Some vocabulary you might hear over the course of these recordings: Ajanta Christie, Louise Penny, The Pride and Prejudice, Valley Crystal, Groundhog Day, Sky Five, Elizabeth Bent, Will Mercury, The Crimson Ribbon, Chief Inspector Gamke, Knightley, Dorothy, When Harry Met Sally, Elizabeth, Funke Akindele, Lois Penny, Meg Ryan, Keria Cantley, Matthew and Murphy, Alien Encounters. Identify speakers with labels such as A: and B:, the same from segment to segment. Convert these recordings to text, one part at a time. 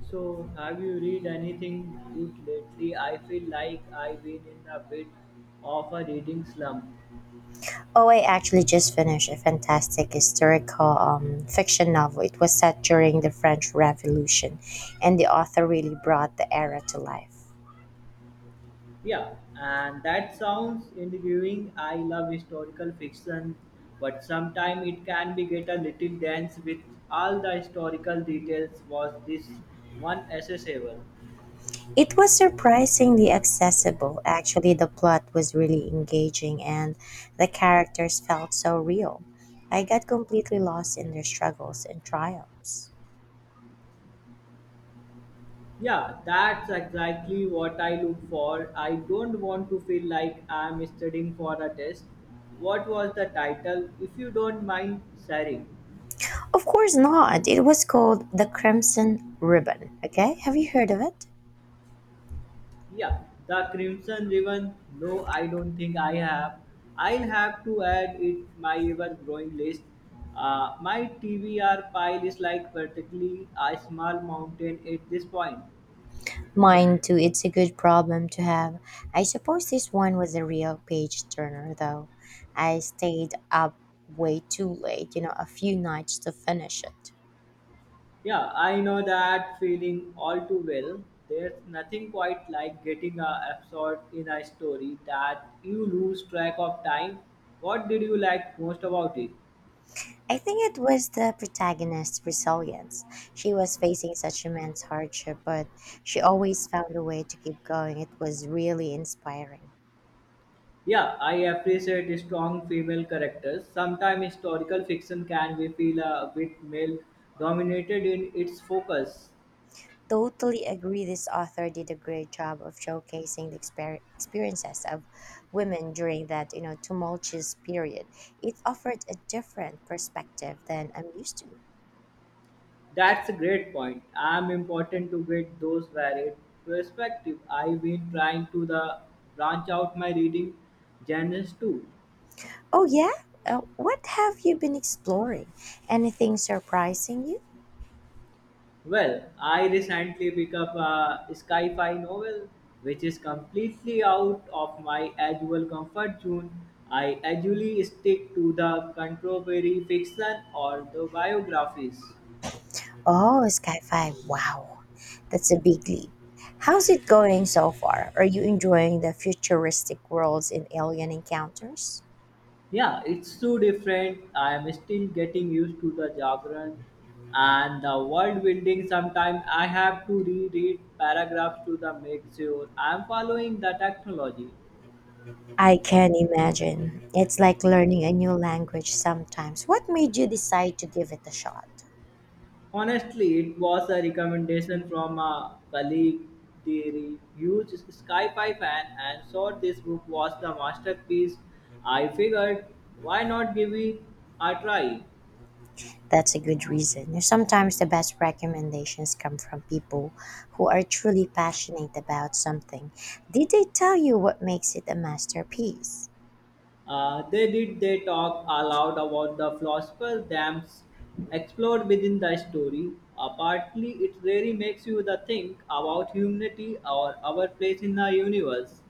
A: So, have you read anything good lately? I feel like I've been in a bit of a reading slump.
B: Oh, I actually just finished a fantastic historical fiction novel. It was set during the French Revolution, and the author really brought the era to life.
A: Yeah, and that sounds intriguing. I love historical fiction, but sometimes it can be get a little dense with all the historical details. Was this one accessible?
B: It was surprisingly accessible. Actually, the plot was really engaging, and the characters felt so real. I got completely lost in their struggles and triumphs.
A: Yeah, that's exactly what I look for. I don't want to feel like I'm studying for a test. What was the title, if you don't mind sharing?
B: Of course not. It was called The Crimson Ribbon. Okay, have you heard of it?
A: Yeah, the Crimson Ribbon. No, I don't think I have. I'll have to add it my ever-growing list. My TBR pile is like vertically a small mountain at this point.
B: Mine too, it's a good problem to have. I suppose this one was a real page turner though. I stayed up way too late, you know, a few nights to finish it.
A: Yeah, I know that feeling all too well. There's nothing quite like getting absorbed in a story that you lose track of time. What did you like most about it?
B: I think it was the protagonist's resilience. She was facing such immense hardship, but she always found a way to keep going. It was really inspiring.
A: Yeah, I appreciate strong female characters. Sometimes historical fiction can be feel a bit male dominated in its focus.
B: Totally agree. This author did a great job of showcasing the experiences of women during that, you know, tumultuous period. It offered a different perspective than I'm used to.
A: That's a great point. I'm important to get those varied perspective. I've been trying to the branch out my reading genres too.
B: Oh yeah, what have you been exploring? Anything surprising you?
A: Well, I recently picked up a sci-fi novel, which is completely out of my usual comfort zone. I usually stick to the contemporary fiction or the biographies.
B: Oh, Sky Five. Wow, that's a big leap. How's it going so far? Are you enjoying the futuristic worlds in Alien Encounters?
A: Yeah, it's so different. I am still getting used to the jargon and the world building. Sometimes I have to reread paragraphs to the make sure I am following the technology.
B: I can imagine. It's like learning a new language sometimes. What made you decide to give it a shot?
A: Honestly, it was a recommendation from a colleague, dear, huge sci-fi fan, and thought this book was the masterpiece. I figured, why not give it a try?
B: That's a good reason. Sometimes the best recommendations come from people who are truly passionate about something. Did they tell you what makes it a masterpiece?
A: They did. They talk aloud about the philosopher's dams explored within the story. Partly, it really makes you the think about humanity or our place in the universe.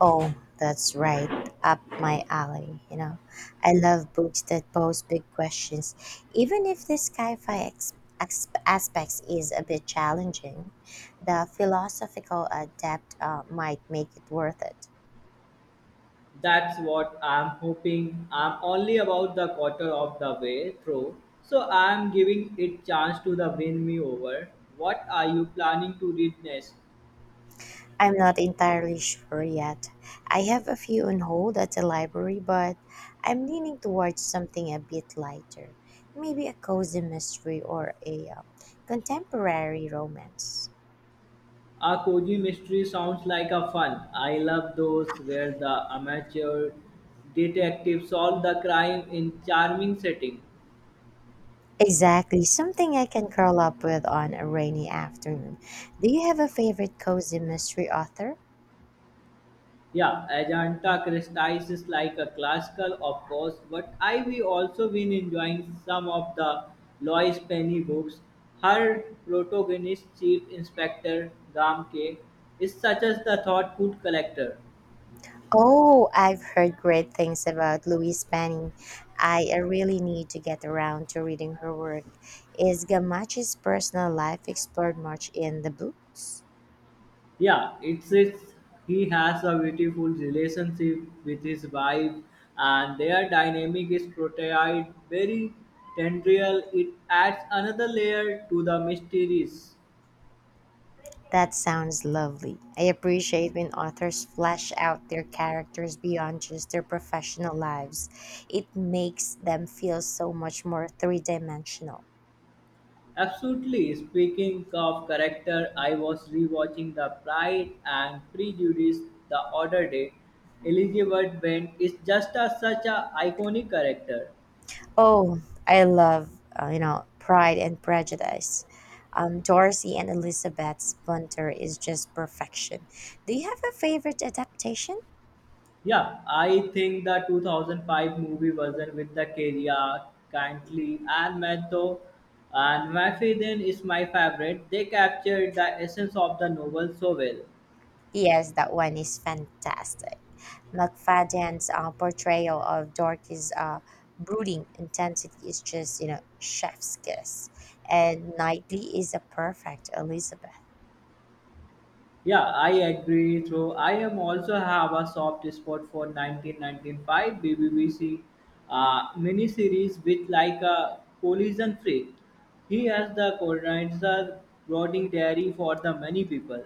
B: Oh, that's right. Up my alley, you know. I love books that pose big questions, even if the sci-fi aspects is a bit challenging. The philosophical depth might make it worth it.
A: That's what I'm hoping. I'm only about the quarter of the way through, so I'm giving it chance to the win me over. What are you planning to read next?
B: I'm not entirely sure yet. I have a few on hold at the library, but I'm leaning towards something a bit lighter. Maybe a cozy mystery or a contemporary romance.
A: A cozy mystery sounds like a fun. I love those where the amateur detective solve the crime in charming setting.
B: Exactly, something I can curl up with on a rainy afternoon. Do you have a favorite cozy mystery author?
A: Yeah, Ajanta Christie is like a classical, of course, but I we also been enjoying some of the Lois Penny books. Her protagonist, Chief Inspector Gamke, is such as the thought food collector.
B: Oh, I've heard great things about Louise Penny. I really need to get around to reading her work. Is Gamachi's personal life explored much in the books?
A: Yeah, it's he has a beautiful relationship with his wife, and their dynamic is portrayed very tendril. It adds another layer to the mysteries.
B: That sounds lovely. I appreciate when authors flesh out their characters beyond just their professional lives. It makes them feel so much more three dimensional.
A: Absolutely. Speaking of character, I was rewatching The Pride and Prejudice the other day. Elizabeth Bent is just a, such a iconic character.
B: Oh, I love, you know, Pride and Prejudice. Dorothy and Elizabeth's banter is just perfection. Do you have a favorite adaptation?
A: Yeah, I think the 2005 movie version with the Keria, Cantley, and Matthew and Murphy then is my favorite. They captured the essence of the novel so well.
B: Yes, that one is fantastic. McFadden's portrayal of Dorothy's brooding intensity is just, you know, chef's kiss. And Knightley is a perfect Elizabeth.
A: Yeah, I agree. So I am also have a soft spot for 1995 BBC miniseries with like a collision free. He has the coordinator brooding dairy for the many people.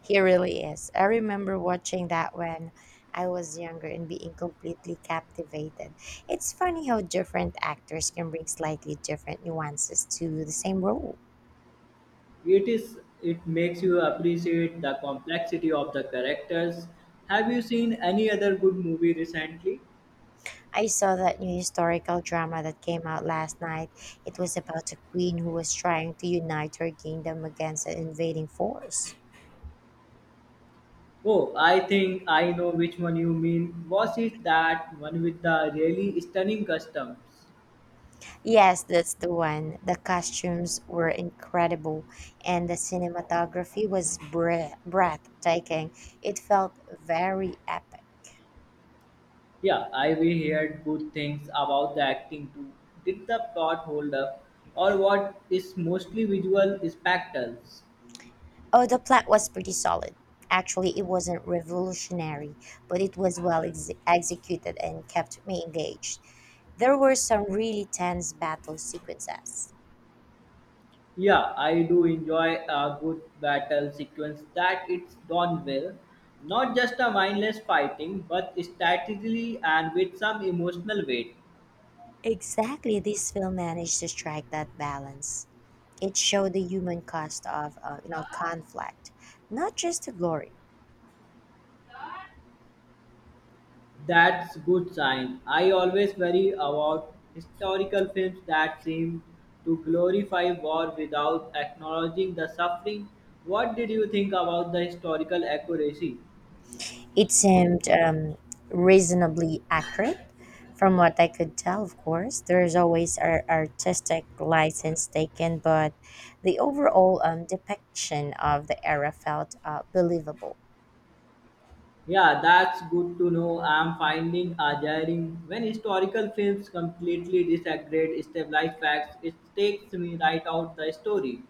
B: He really is. I remember watching that when I was younger and being completely captivated. It's funny how different actors can bring slightly different nuances to the same role.
A: It is it makes you appreciate the complexity of the characters. Have you seen any other good movie recently?
B: I saw that new historical drama that came out last night. It was about a queen who was trying to unite her kingdom against an invading force.
A: Oh, I think I know which one you mean. Was it that one with the really stunning customs?
B: Yes, that's the one. The costumes were incredible, and the cinematography was breathtaking. It felt very epic.
A: Yeah, I we heard good things about the acting too. Did the plot hold up, or what is mostly visual spectacles?
B: Oh, the plot was pretty solid. Actually, it wasn't revolutionary, but it was well executed and kept me engaged. There were some really tense battle sequences.
A: Yeah, I do enjoy a good battle sequence that it's done well, not just a mindless fighting, but strategically and with some emotional weight.
B: Exactly, this film managed to strike that balance. It showed the human cost of you know conflict, not just the glory.
A: That's good sign. I always worry about historical films that seem to glorify war without acknowledging the suffering. What did you think about the historical accuracy?
B: It seemed reasonably accurate. From what I could tell, of course, there is always artistic license taken, but the overall depiction of the era felt believable.
A: Yeah, that's good to know. I'm finding jarring when historical films completely disagree established facts. It takes me right out the story.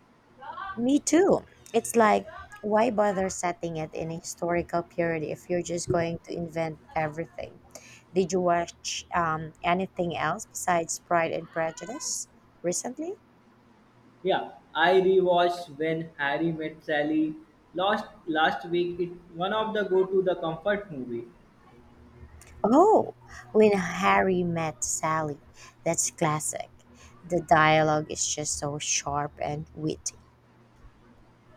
B: Me too. It's like, why bother setting it in a historical period if you're just going to invent everything? Did you watch anything else besides Pride and Prejudice recently?
A: Yeah, I rewatched When Harry Met Sally last week. It's one of the go to the comfort movie.
B: Oh, when Harry met Sally. That's classic. The dialogue is just so sharp and witty.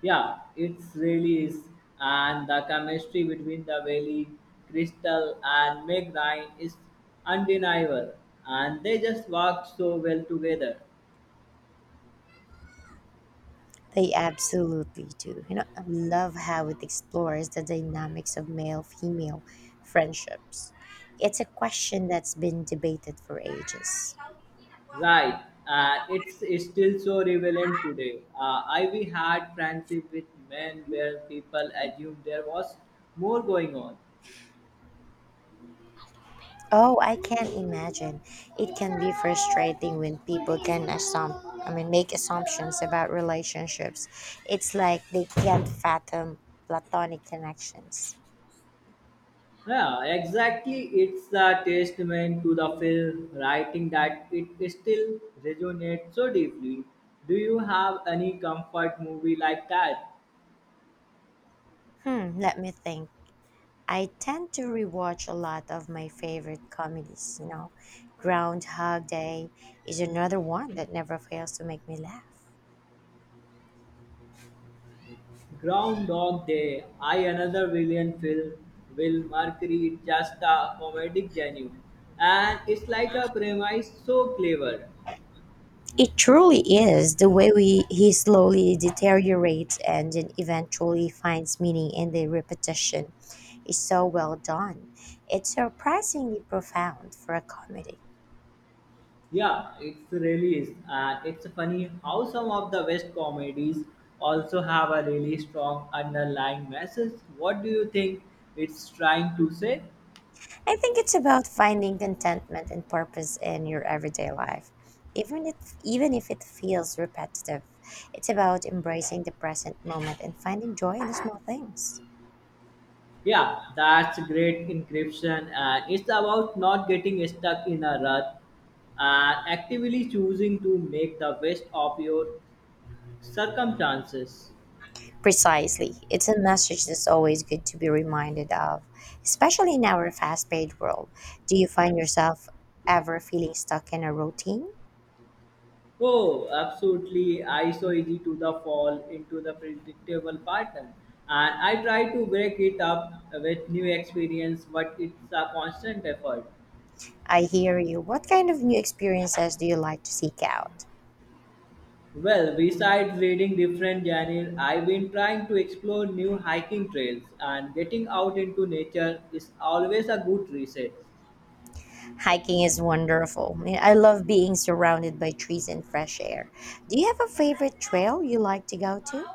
A: Yeah, it really is. And the chemistry between the Valley, Crystal, and Meg Ryan is undeniable. And they just work so well together.
B: They absolutely do. You know, I love how it explores the dynamics of male female friendships. It's a question that's been debated for ages.
A: Right. And it's still so relevant today. I we had friendship with men where people assumed there was more going on.
B: Oh, I can't imagine. It can be frustrating when people can assume, I mean, make assumptions about relationships. It's like they can't fathom platonic connections.
A: Yeah, exactly. It's the testament to the film writing that it still resonates so deeply. Do you have any comfort movie like that?
B: Hmm, let me think. I tend to rewatch a lot of my favorite comedies, you know. Groundhog Day is another one that never fails to make me laugh.
A: Groundhog Day, I another brilliant film. Will Mercury is just a comedic genie, and it's like a premise so clever.
B: It truly is the way we he slowly deteriorates and then eventually finds meaning in the repetition is so well done. It's surprisingly profound for a comedy.
A: Yeah, it really is. And it's funny how some of the West comedies also have a really strong underlying message. What do you think it's trying to say?
B: I think it's about finding contentment and purpose in your everyday life. Even if it feels repetitive, it's about embracing the present moment and finding joy in the small things.
A: Yeah, that's great encryption. And it's about not getting stuck in a rut and actively choosing to make the best of your circumstances.
B: Precisely. It's a message that's always good to be reminded of, especially in our fast paced world. Do you find yourself ever feeling stuck in a routine?
A: Oh, absolutely. I so easy to the fall into the predictable pattern. And I try to break it up with new experience, but it's a constant effort.
B: I hear you. What kind of new experiences do you like to seek out?
A: Well, besides reading different genres, I've been trying to explore new hiking trails and getting out into nature is always a good reset.
B: Hiking is wonderful. I mean, I love being surrounded by trees and fresh air. Do you have a favorite trail you like to go to?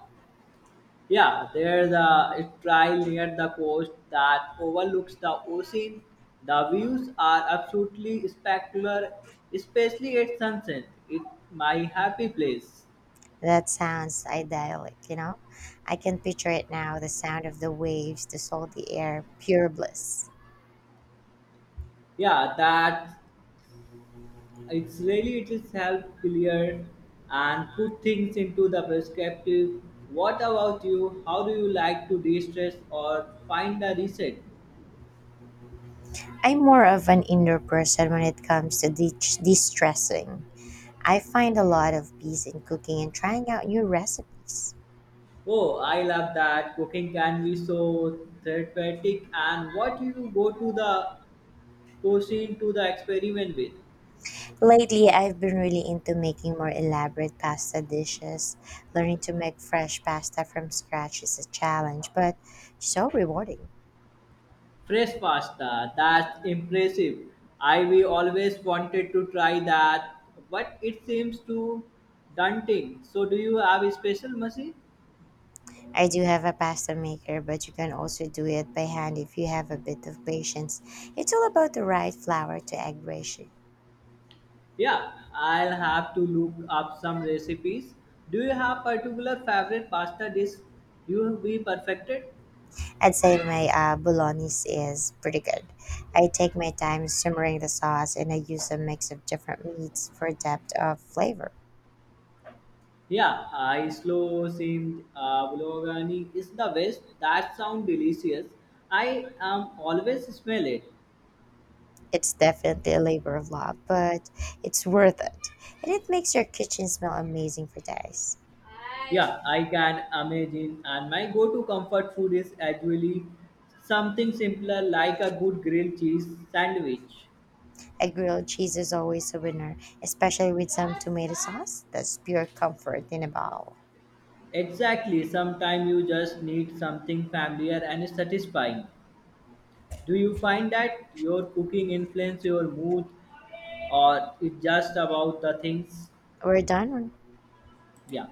A: Yeah, there's a trail near the coast that overlooks the ocean. The views are absolutely spectacular, especially at sunset. It's my happy place.
B: That sounds idyllic, you know? I can picture it now the sound of the waves, the salty air, pure bliss.
A: Yeah, that it's really it is help clear and put things into the perspective. What about you? How do you like to de-stress or find a reset?
B: I'm more of an indoor person when it comes to de stressing. I find a lot of peace in cooking and trying out new recipes.
A: Oh, I love that. Cooking can be so therapeutic. And what you go to the proceed to the experiment with
B: Lately, I've been really into making more elaborate pasta dishes. Learning to make fresh pasta from scratch is a challenge, but so rewarding.
A: fresh pasta. That's impressive. I we always wanted to try that, but it seems too daunting. So, do you have a special machine?
B: I do have a pasta maker, but you can also do it by hand if you have a bit of patience. It's all about the right flour to egg ratio.
A: Yeah, I'll have to look up some recipes. Do you have particular favorite pasta dish you have be perfected?
B: I'd say my bolognese is pretty good. I take my time simmering the sauce and I use a mix of different meats for depth of flavor.
A: Yeah, I slow seamed bulgogi is the best. That sound delicious. I am always smell it.
B: It's definitely a labor of love, but it's worth it. And it makes your kitchen smell amazing for days.
A: Yeah, I can imagine. And my go to comfort food is actually something simpler like a good grilled cheese sandwich.
B: A grilled cheese is always a winner, especially with some tomato sauce. That's pure comfort in a bowl.
A: Exactly, sometimes you just need something familiar and satisfying. Do you find that your cooking influence your mood or it's just about the things?
B: We're done.
A: Yeah.